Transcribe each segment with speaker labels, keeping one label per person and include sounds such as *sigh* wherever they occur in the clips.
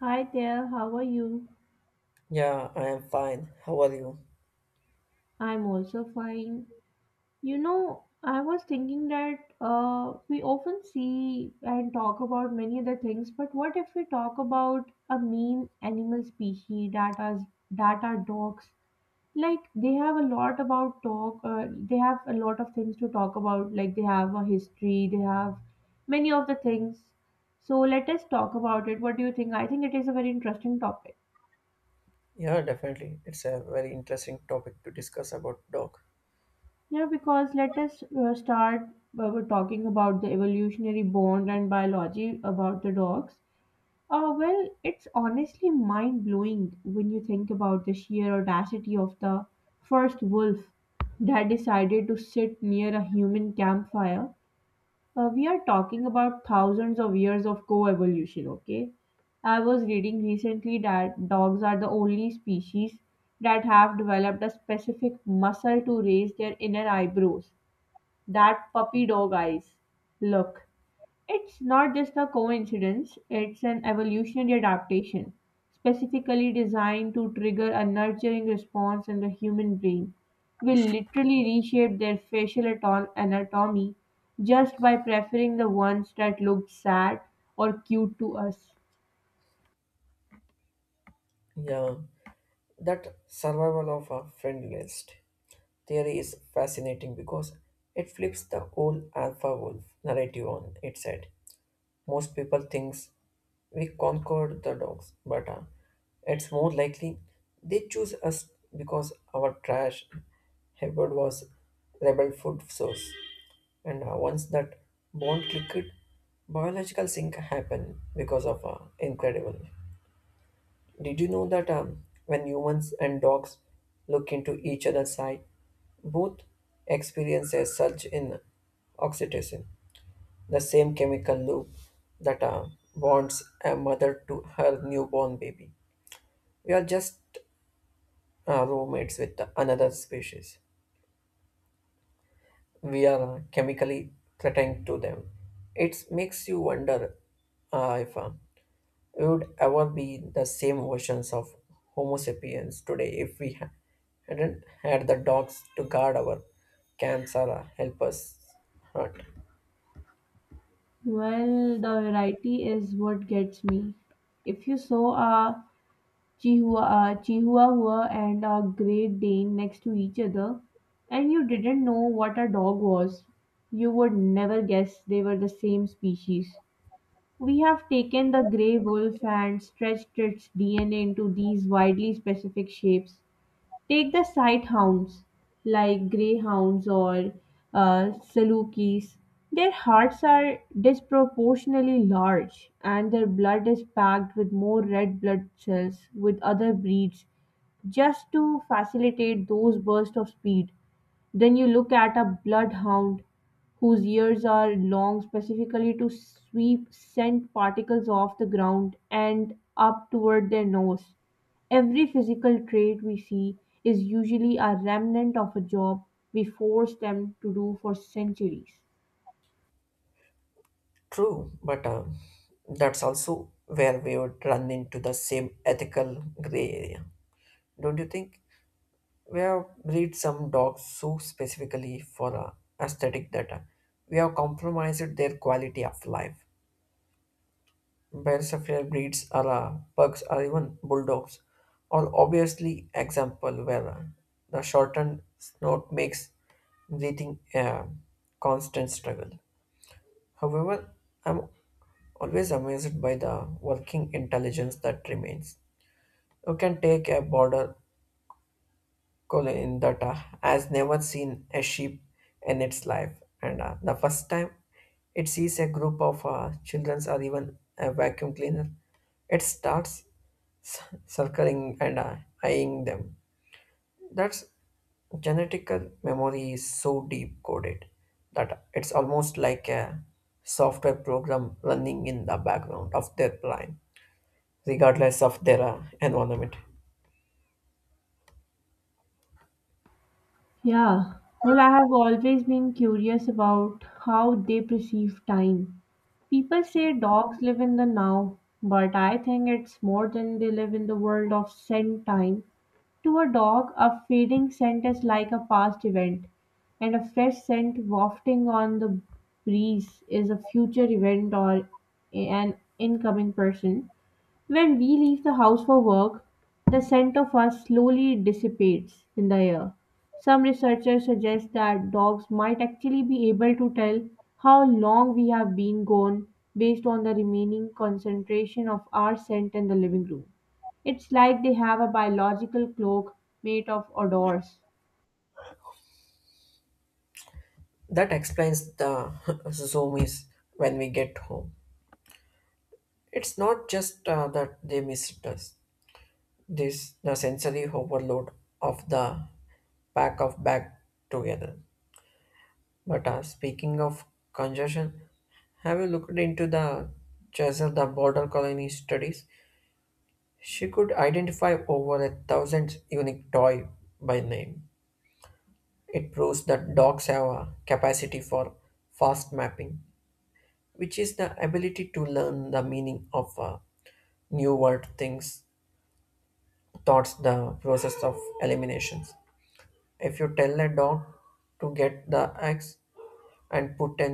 Speaker 1: Hi there, how are you?
Speaker 2: Yeah, I am fine. How are you?
Speaker 1: I'm also fine. I was thinking that we often see and talk about many other things, but what if we talk about a main animal species that are dogs? Like they have a lot about talk. They have a lot of things to talk about. Like they have a history. They have many of the things. So let us talk about it. What do you think? I think it is a very interesting topic.
Speaker 2: Yeah, definitely. It's a very interesting topic to discuss about dog.
Speaker 1: Yeah, because let us start with talking about the evolutionary bond and biology about the dogs. Well, it's honestly mind blowing when you think about the sheer audacity of the first wolf that decided to sit near a human campfire. We are talking about thousands of years of co evolution, okay? I was reading recently that dogs are the only species that have developed a specific muscle to raise their inner eyebrows that puppy dog eyes. Look, it's not just a coincidence, it's an evolutionary adaptation, specifically designed to trigger a nurturing response in the human brain. We literally reshape their facial anatomy just by preferring the ones that looked sad or cute to us.
Speaker 2: Yeah, that survival of a friend list theory is fascinating because it flips the whole alpha wolf narrative on its head. Most people thinks we conquered the dogs, but it's more likely they choose us because our trash habit was rebel food source. And once that bond clicked, biological sync happened because of incredible. Did you know that when humans and dogs look into each other's eye, both experience a surge in oxytocin, the same chemical loop that bonds a mother to her newborn baby? We are just roommates with another species. We are chemically threatened to them. It makes you wonder if we would ever be the same versions of Homo sapiens today if hadn't had the dogs to guard our camps or help us hunt.
Speaker 1: Well, the variety is what gets me. If you saw a Chihuahua, Chihuahua and a Great Dane next to each other, and you didn't know what a dog was. You would never guess they were the same species. We have taken the grey wolf and stretched its DNA into these widely specific shapes. Take the sight hounds like greyhounds or uh, salukis. Their hearts are disproportionately large and their blood is packed with more red blood cells with other breeds just to facilitate those bursts of speed. Then you look at a bloodhound whose ears are long specifically to sweep scent particles off the ground and up toward their nose. Every physical trait we see is usually a remnant of a job we forced them to do for centuries.
Speaker 2: True, but that's also where we would run into the same ethical gray area, don't you think? We have breed some dogs so specifically for aesthetic that we have compromised their quality of life. Where Sapphire breeds are la pugs or even bulldogs, are obviously example where the shortened snout makes breathing a constant struggle. However, I'm always amazed by the working intelligence that remains. You can take a border Colin that has never seen a sheep in its life, and the first time it sees a group of children or even a vacuum cleaner, it starts c- circling and eyeing them. That's genetical memory is so deep coded that it's almost like a software program running in the background of their brain, regardless of their environment.
Speaker 1: Yeah, well, I have always been curious about how they perceive time. People say dogs live in the now, but I think it's more than they live in the world of scent time. To a dog, a fading scent is like a past event, and a fresh scent wafting on the breeze is a future event or an incoming person. When we leave the house for work, the scent of us slowly dissipates in the air. Some researchers suggest that dogs might actually be able to tell how long we have been gone based on the remaining concentration of our scent in the living room. It's like they have a biological cloak made of odors.
Speaker 2: That explains the *laughs* zoomies when we get home. It's not just that they missed us. This the sensory overload of the pack of bag together. But speaking of congestion, have you looked into the Cheshire the border colony studies? She could identify over 1,000 unique toy by name. It proves that dogs have a capacity for fast mapping, which is the ability to learn the meaning of new word things thoughts the process of eliminations. If you tell a dog to get the x and put a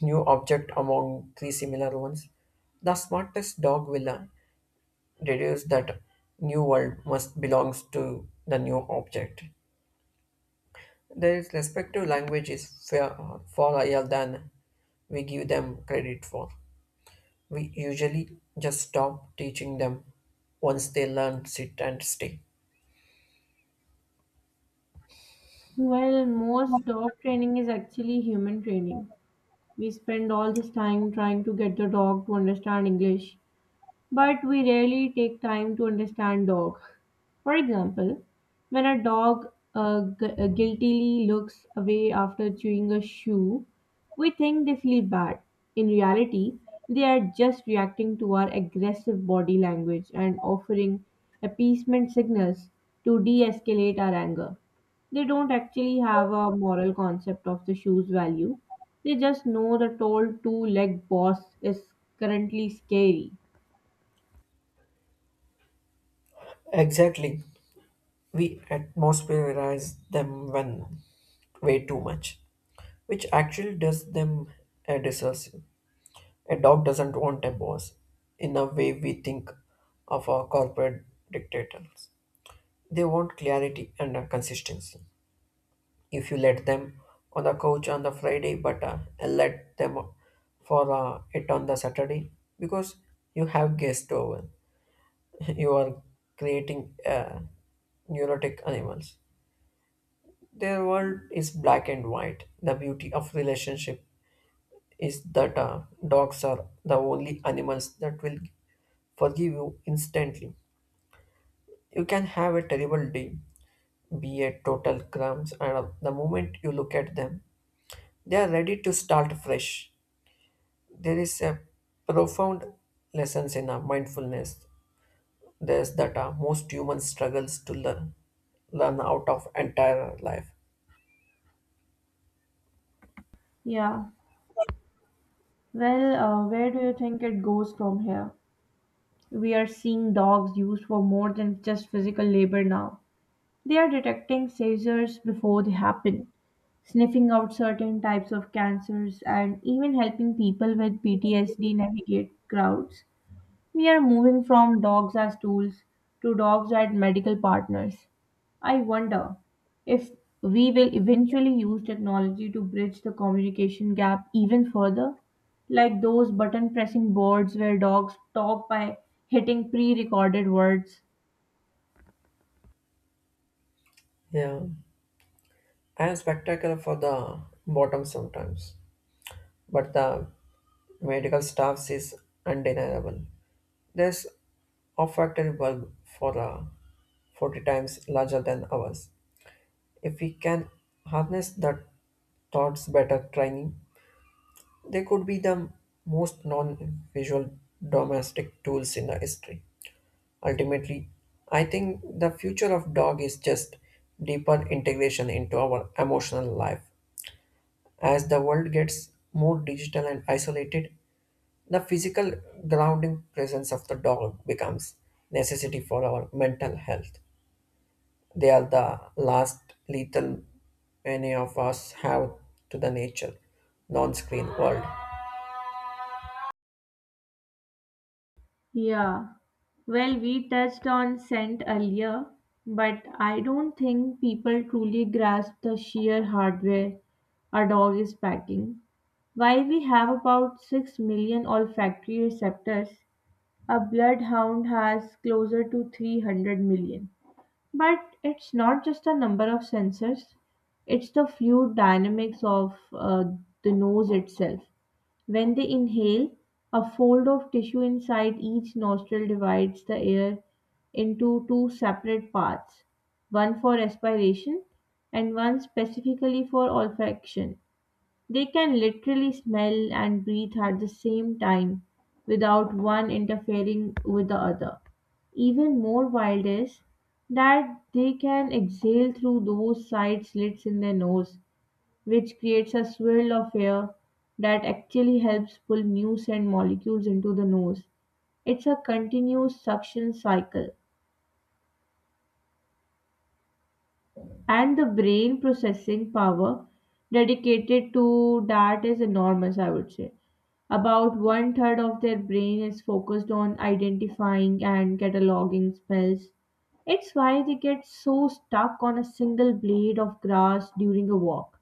Speaker 2: new object among three similar ones, the smartest dog will deduce that new word must belongs to the new object. Their respective language is far, far higher than we give them credit for. We usually just stop teaching them once they learn sit and stay.
Speaker 1: Well, most dog training is actually human training. We spend all this time trying to get the dog to understand English, but we rarely take time to understand dog. For example, when a dog guiltily looks away after chewing a shoe, we think they feel bad. In reality, they are just reacting to our aggressive body language and offering appeasement signals to de escalate our anger. They don't actually have a moral concept of the shoe's value, they just know the tall two legged boss is currently scary.
Speaker 2: Exactly. We atmospherize them when way too much, which actually does them a disservice. A dog doesn't want a boss in a way we think of our corporate dictators. They want clarity and consistency. If you let them on the couch on the Friday, but let them for it on the Saturday because you have guests over. *laughs* You are creating neurotic animals. Their world is black and white. The beauty of relationship is that dogs are the only animals that will forgive you instantly. You can have a terrible day, be a total crumbs, and the moment you look at them, they are ready to start fresh. There is a profound lessons in mindfulness. There's that most humans struggles to learn out of entire life.
Speaker 1: Yeah. Well, where do you think it goes from here? We are seeing dogs used for more than just physical labor now. They are detecting seizures before they happen, sniffing out certain types of cancers, and even helping people with PTSD navigate crowds. We are moving from dogs as tools to dogs as medical partners. I wonder if we will eventually use technology to bridge the communication gap even further, like those button pressing boards where dogs talk by hitting pre recorded words.
Speaker 2: Yeah, and spectacle for the bottom sometimes, but the medical staffs is undeniable. There's olfactory bulb for 40 times larger than ours. If we can harness the thoughts better training, they could be the most non-visual domestic tools in the history. Ultimately, I think the future of dog is just deeper integration into our emotional life. As the world gets more digital and isolated, the physical grounding presence of the dog becomes necessity for our mental health. They are the last lethal many of us have to the nature, non-screen world.
Speaker 1: Yeah. Well, we touched on scent earlier, but I don't think people truly grasp the sheer hardware a dog is packing. While we have about 6 million olfactory receptors, a bloodhound has closer to 300 million. But it's not just a number of sensors, it's the fluid dynamics of the nose itself. When they inhale, a fold of tissue inside each nostril divides the air into two separate parts, one for respiration and one specifically for olfaction. They can literally smell and breathe at the same time without one interfering with the other. Even more wild is that they can exhale through those side slits in their nose, which creates a swirl of air that actually helps pull new scent molecules into the nose. It's a continuous suction cycle. And the brain processing power dedicated to that is enormous, I would say. About one third of their brain is focused on identifying and cataloging smells. It's why they get so stuck on a single blade of grass during a walk.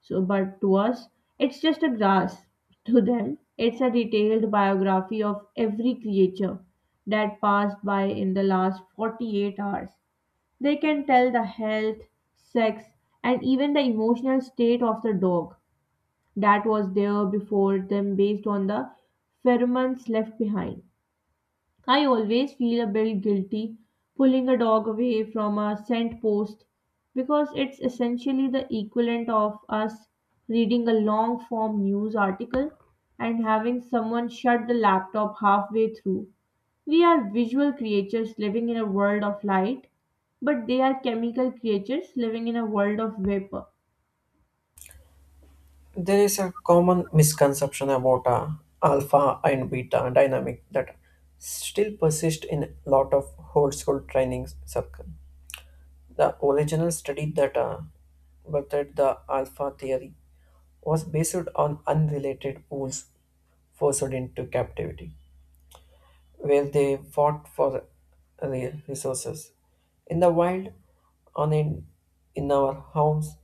Speaker 1: So, but to us, it's just a grass. To them, it's a detailed biography of every creature that passed by in the last 48 hours. They can tell the health, sex, and even the emotional state of the dog that was there before them based on the pheromones left behind. I always feel a bit guilty pulling a dog away from a scent post because it's essentially the equivalent of us reading a long form news article and having someone shut the laptop halfway through. We are visual creatures living in a world of light, but they are chemical creatures living in a world of vapor.
Speaker 2: There is a common misconception about alpha and beta dynamic that still persist in a lot of old school training circle. The original study that birthed the alpha theory was based on unrelated wolves forced into captivity, where they fought for resources. In the wild, on in, in our homes,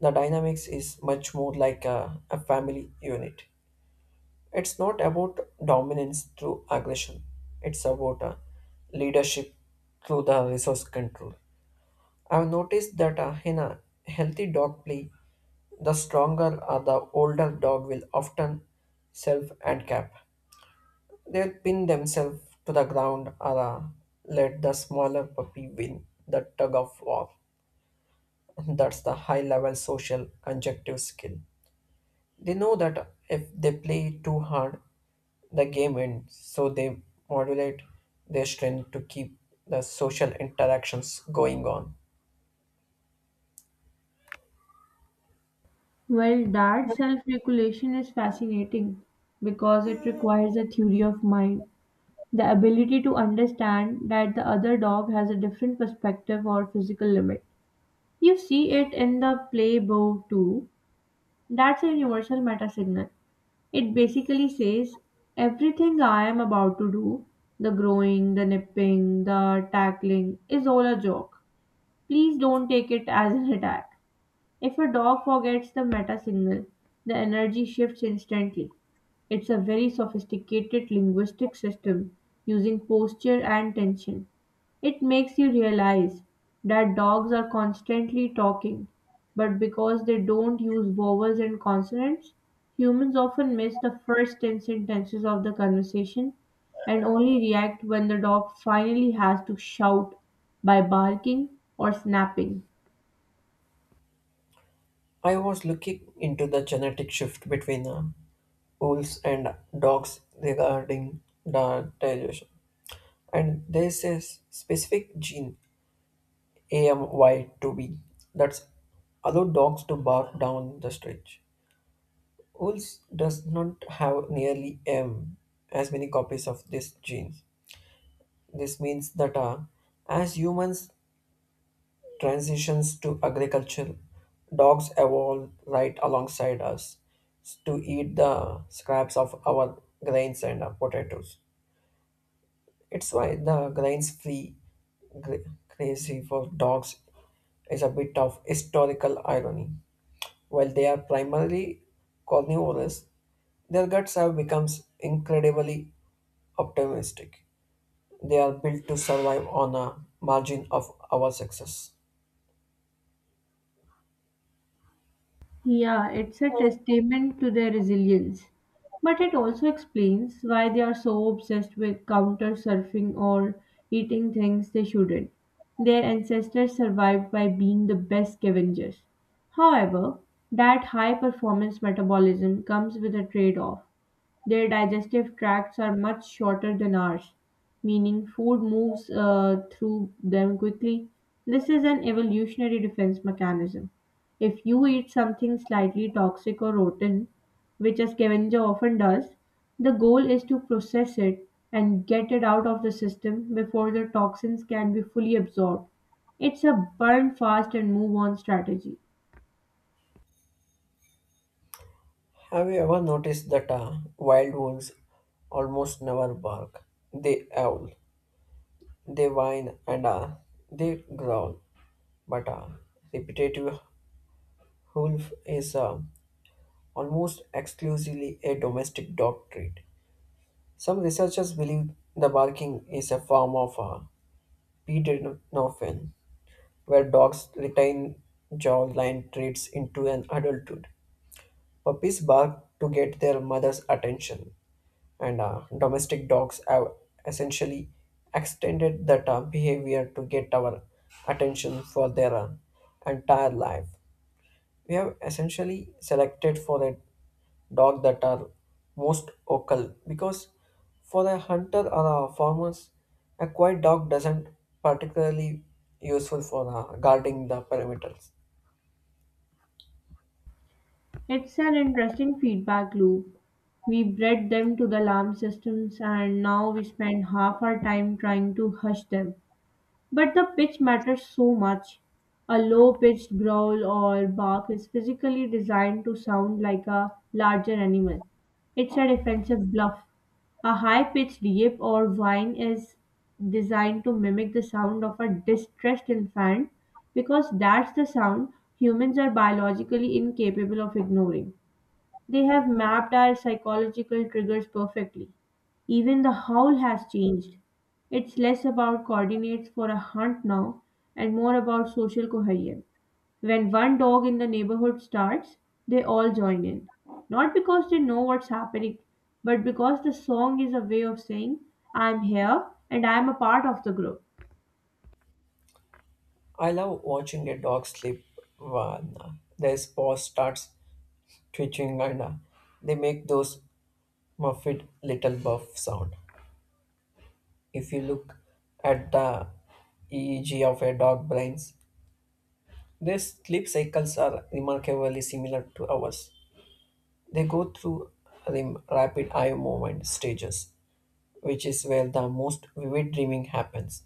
Speaker 2: the dynamics is much more like a family unit. It's not about dominance through aggression, it's about leadership through the resource control. I've noticed that in a healthy dog play, the stronger or the older dog will often self handicap. They'll pin themselves to the ground or let the smaller puppy win the tug of war. *laughs* That's the high level social conjunctive skill. They know that if they play too hard, the game ends, so they modulate their strength to keep the social interactions going on.
Speaker 1: Well, that self regulation is fascinating because it requires a theory of mind. The ability to understand that the other dog has a different perspective or physical limit. You see it in the play Bow too. That's a universal meta signal. It basically says everything I am about to do, the growing, the nipping, the tackling, is all a joke. Please don't take it as an attack. If a dog forgets the meta signal, the energy shifts instantly. It's a very sophisticated linguistic system using posture and tension. It makes you realize that dogs are constantly talking, but because they don't use vowels and consonants, humans often miss the first 10 sentences of the conversation and only react when the dog finally has to shout by barking or snapping.
Speaker 2: I was looking into the genetic shift between wolves and dogs regarding the digestion, and there's a specific gene AMY2B that's allowed dogs to bark down the stretch. Wolves does not have nearly as many copies of this gene. This means that as humans transitions to agriculture, dogs evolved right alongside us to eat the scraps of our grains and potatoes. It's why the grains free crazy for dogs is a bit of historical irony. While they are primarily carnivorous, their guts have become incredibly optimistic. They are built to survive on a margin of our success.
Speaker 1: Yeah, it's a testament to their resilience. But it also explains why they are so obsessed with counter surfing or eating things they shouldn't. Their ancestors survived by being the best scavengers. However, that high performance metabolism comes with a trade off. Their digestive tracts are much shorter than ours, meaning food moves through them quickly. This is an evolutionary defense mechanism. If you eat something slightly toxic or rotten, which a scavenger often does, the goal is to process it and get it out of the system before the toxins can be fully absorbed. It's a burn fast and move on strategy.
Speaker 2: Have you ever noticed that wild wolves almost never bark? They howl, they whine, and they growl. But repetitive wolf is almost exclusively a domestic dog trait. Some researchers believe the barking is a form of pedonophin, where dogs retain jawline traits into an adulthood. Puppies bark to get their mother's attention, and domestic dogs have essentially extended that behavior to get our attention for their entire life. We have essentially selected for the dog that are most vocal because for a hunter or a farmers, a quiet dog doesn't particularly useful for guarding the perimeters.
Speaker 1: It's an interesting feedback loop. We bred them to the alarm systems and now we spend half our time trying to hush them. But the pitch matters so much. A low pitched growl or bark is physically designed to sound like a larger animal. It's a defensive bluff. A high pitched yip or whine is designed to mimic the sound of a distressed infant because that's the sound humans are biologically incapable of ignoring. They have mapped our psychological triggers perfectly. Even the howl has changed. It's less about coordinates for a hunt now and more about social cohesion. When one dog in the neighborhood starts, they all join in. Not because they know what's happening, but because the song is a way of saying, I'm here and I'm a part of the group.
Speaker 2: I love watching a dog sleep when their paw starts twitching and they make those muffled little buff sound. If you look at the EEG of a dog brains, their sleep cycles are remarkably similar to ours. They go through rapid eye movement stages, which is where the most vivid dreaming happens.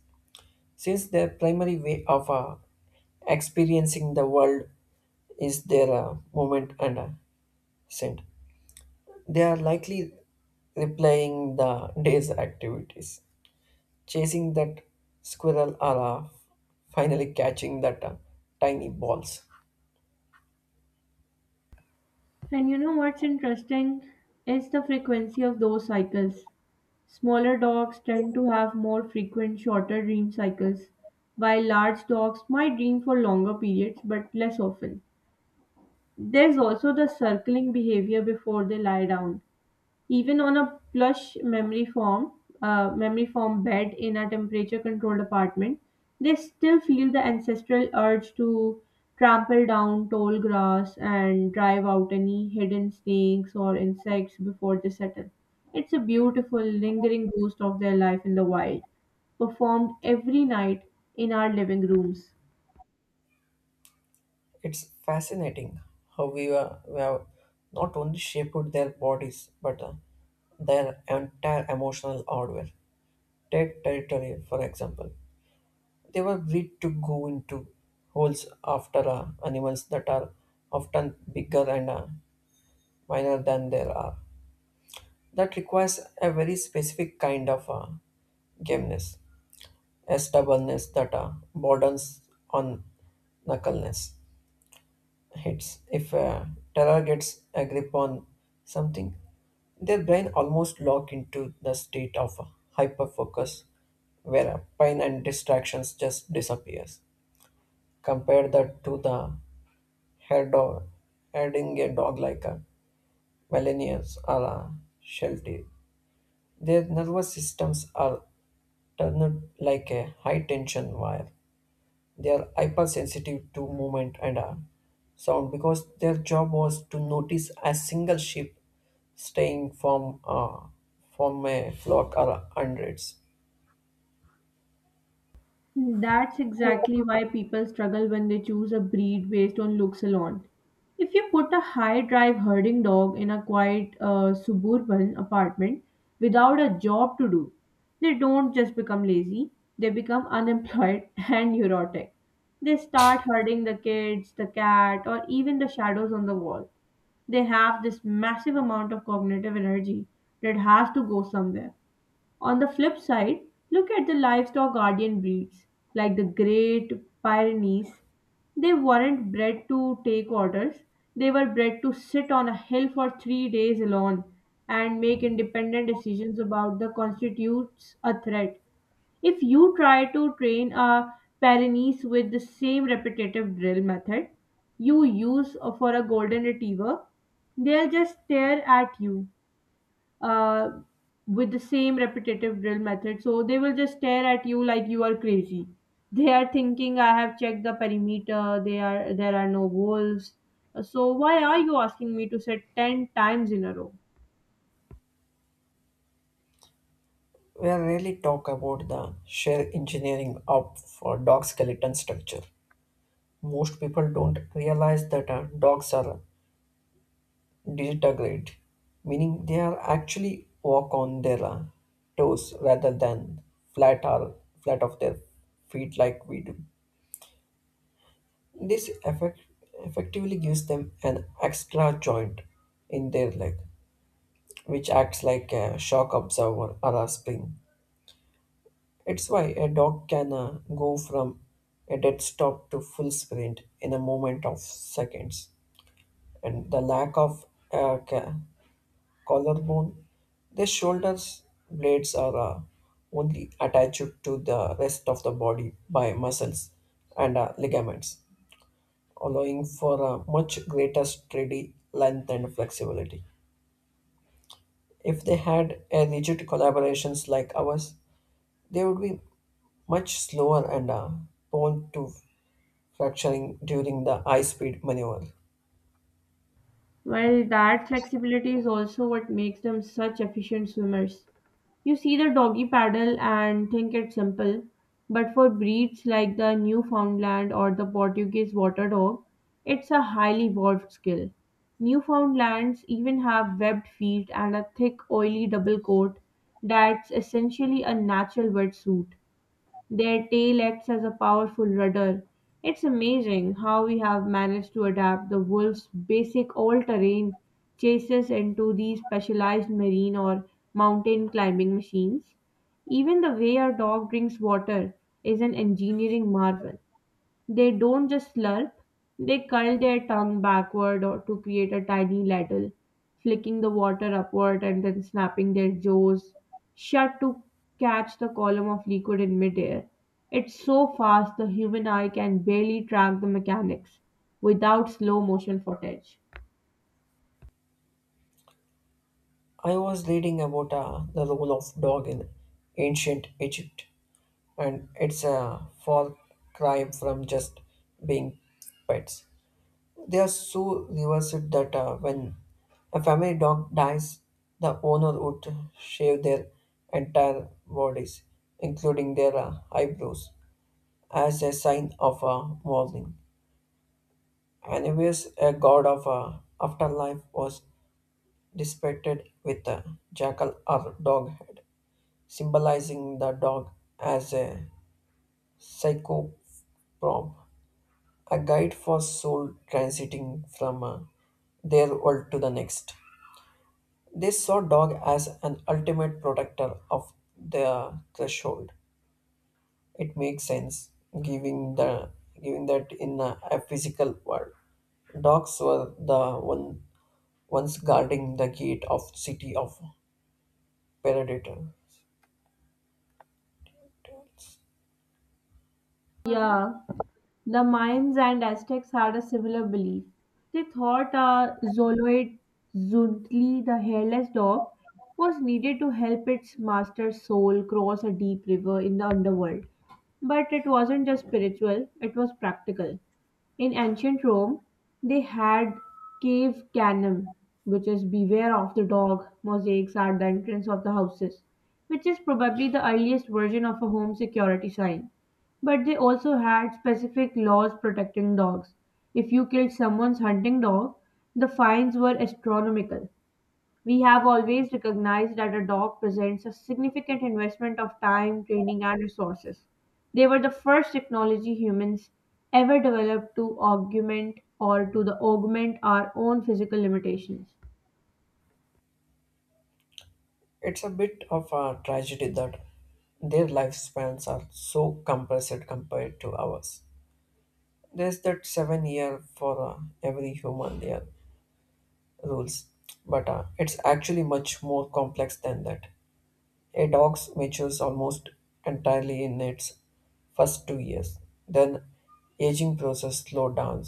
Speaker 2: Since their primary way of experiencing the world is their movement and scent, they are likely replaying the day's activities. Chasing that squirrel or finally catching that tiny balls.
Speaker 1: And you know what's interesting is the frequency of those cycles. Smaller dogs tend to have more frequent, shorter dream cycles, while large dogs might dream for longer periods but less often. There's also the circling behavior before they lie down even on a plush memory foam, memory foam bed in a temperature-controlled apartment, they still feel the ancestral urge to trample down tall grass and drive out any hidden snakes or insects before they settle. It's a beautiful, lingering ghost of their life in the wild, performed every night in our living rooms.
Speaker 2: It's fascinating how we have not only shaped their bodies but their entire emotional hardware. Take territory, for example. They were bred to go into holes after animals that are often bigger and minor than they are. That requires a very specific kind of gameness. S that theta borders on knuckleness hits. If a terror gets a grip on something, their brain almost lock into the state of hyperfocus where pain and distractions just disappears. Compare that to the hair dog herding a dog like a millennials or a sheltie. Their nervous systems are turned like a high tension wire. They are hypersensitive to movement and sound because their job was to notice a single sheep straying from a flock or hundreds.
Speaker 1: That's exactly why people struggle when they choose a breed based on looks alone. If you put a high drive herding dog in a quiet suburban apartment without a job to do, they don't just become lazy, they become unemployed *laughs* and neurotic. They start herding the kids, the cat, or even the shadows on the wall. They have this massive amount of cognitive energy that has to go somewhere. On the flip side, look at the livestock guardian breeds like the Great Pyrenees. They weren't bred to take orders, they were bred to sit on a hill for 3 days alone and make independent decisions about the constitutes a threat. If you try to train a Pyrenees with the same repetitive drill method you use for a golden retriever, they'll just stare at you uh, with the same repetitive drill method. So they will just stare at you like you are crazy. They are thinking, I have checked the perimeter. They are there are no wolves. So why are you asking me to set 10 times in a row?
Speaker 2: We rarely talk about the sheer engineering of dog skeleton structure. Most people don't realize that dogs are digitigrade, meaning they are actually walk on their toes rather than flat or flat of their feet like we do. This effectively gives them an extra joint in their leg, which acts like a shock absorber or a spring. It's why a dog can go from a dead stop to full sprint in a moment of seconds. And the lack of uh, ca- collarbone, their shoulders blades are only attached to the rest of the body by muscles and ligaments allowing for a much greater steady length and flexibility. If they had a rigid collaborations like ours, they would be much slower and prone to fracturing during the high-speed maneuver.
Speaker 1: Well, that flexibility is also what makes them such efficient swimmers. You see the doggy paddle and think it's simple, but for breeds like the Newfoundland or the Portuguese water dog, it's a highly evolved skill. Newfoundlands even have webbed feet and a thick, oily double coat that's essentially a natural wetsuit. Their tail acts as a powerful rudder. It's amazing how we have managed to adapt the wolf's basic all terrain chases into these specialized marine or mountain climbing machines. Even the way our dog drinks water is an engineering marvel. They don't just slurp, they curl their tongue backward or to create a tiny ladle, flicking the water upward and then snapping their jaws shut to catch the column of liquid in midair. It's so fast the human eye can barely track the mechanics without slow motion footage.
Speaker 2: I was reading about the role of dog in ancient Egypt, and it's a far cry from just being pets. They are so reversed that when a family dog dies, the owner would shave their entire bodies, including their eyebrows, as a sign of mourning. Anyways, a god of afterlife was depicted with a jackal or dog head, symbolizing the dog as a psychoprop, a guide for soul transiting from their world to the next. They saw dog as an ultimate protector of their threshold. It makes sense, giving the giving that in a physical world. Dogs were the ones guarding the gate of city of predators.
Speaker 1: Yeah. The Mayans and Aztecs had a similar belief. They thought a Zoloid Zuntli, the hairless dog, was needed to help its master's soul cross a deep river in the underworld. But it wasn't just spiritual, it was practical. In ancient Rome, they had "cave canem", which is "beware of the dog" mosaics at the entrance of the houses, which is probably the earliest version of a home security sign. But they also had specific laws protecting dogs. If you killed someone's hunting dog, the fines were astronomical. We have always recognized that a dog presents a significant investment of time, training, and resources. They were the first technology humans ever developed to augment or to the augment our own physical limitations.
Speaker 2: It's a bit of a tragedy that their lifespans are so compressed compared to ours. There's that 7 year for every human year rules, but it's actually much more complex than that. A dog matures almost entirely in its first 2 years, then aging process slow down,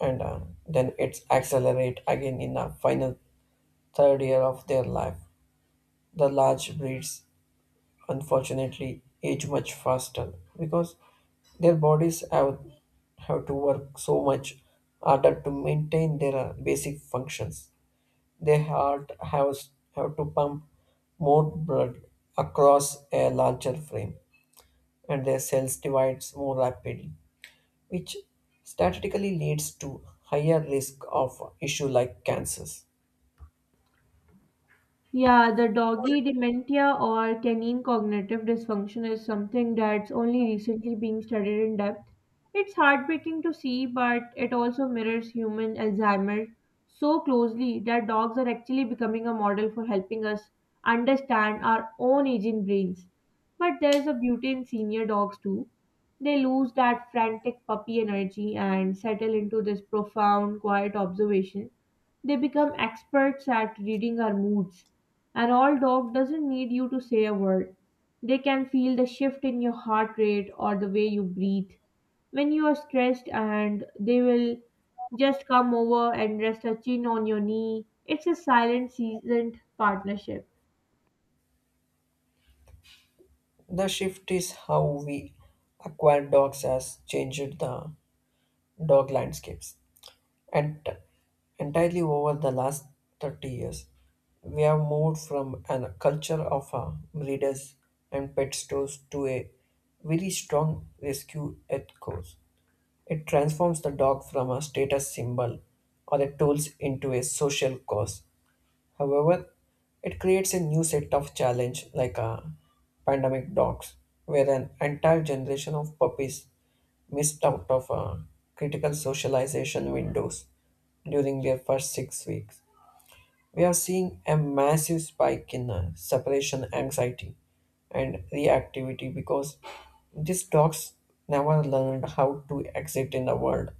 Speaker 2: and then it's accelerate again in the final third year of their life. The large breeds unfortunately age much faster because their bodies have to work so much harder to maintain their basic functions. Their heart has have to pump more blood across a larger frame, and their cells divides more rapidly, which statistically leads to higher risk of issue like cancers.
Speaker 1: Yeah, the doggy dementia or canine cognitive dysfunction is something that's only recently being studied in depth. It's heartbreaking to see, but it also mirrors human Alzheimer's so closely that dogs are actually becoming a model for helping us understand our own aging brains. But there's a beauty in senior dogs too. They lose that frantic puppy energy and settle into this profound, quiet observation. They become experts at reading our moods. An old dog doesn't need you to say a word. They can feel the shift in your heart rate or the way you breathe when you are stressed, and they will just come over and rest a chin on your knee. It's a silent, seasoned partnership.
Speaker 2: The shift is how we acquire dogs has changed the dog landscapes. And entirely over the last 30 years, we have moved from a culture of breeders and pet stores to a very strong rescue ethos. It transforms the dog from a status symbol or a tool into a social cause. However, it creates a new set of challenge like pandemic dogs, where an entire generation of puppies missed out of critical socialization windows during their first 6 weeks. We are seeing a massive spike in separation anxiety and reactivity because these dogs never learned how to exit in the world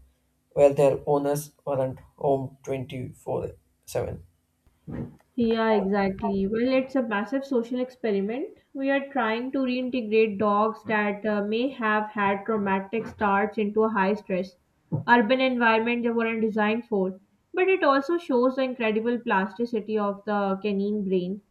Speaker 2: where their owners weren't home 24/7.
Speaker 1: Yeah, exactly. Well, it's a massive social experiment. We are trying to reintegrate dogs that may have had traumatic starts into a high stress urban environment they weren't designed for. But it also shows the incredible plasticity of the canine brain.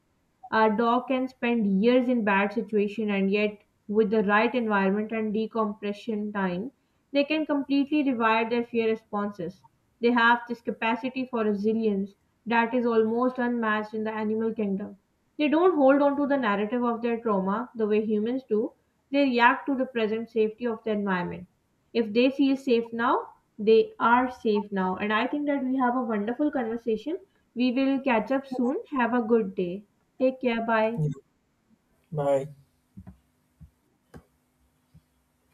Speaker 1: A dog can spend years in bad situation and yet with the right environment and decompression time, they can completely rewire their fear responses. They have this capacity for resilience that is almost unmatched in the animal kingdom. They don't hold on to the narrative of their trauma the way humans do. They react to the present safety of the environment. If they feel safe now, they are safe now. And I think that we have a wonderful conversation. We will catch up soon. Have a good day. Take care. Bye.
Speaker 2: Yeah. Bye.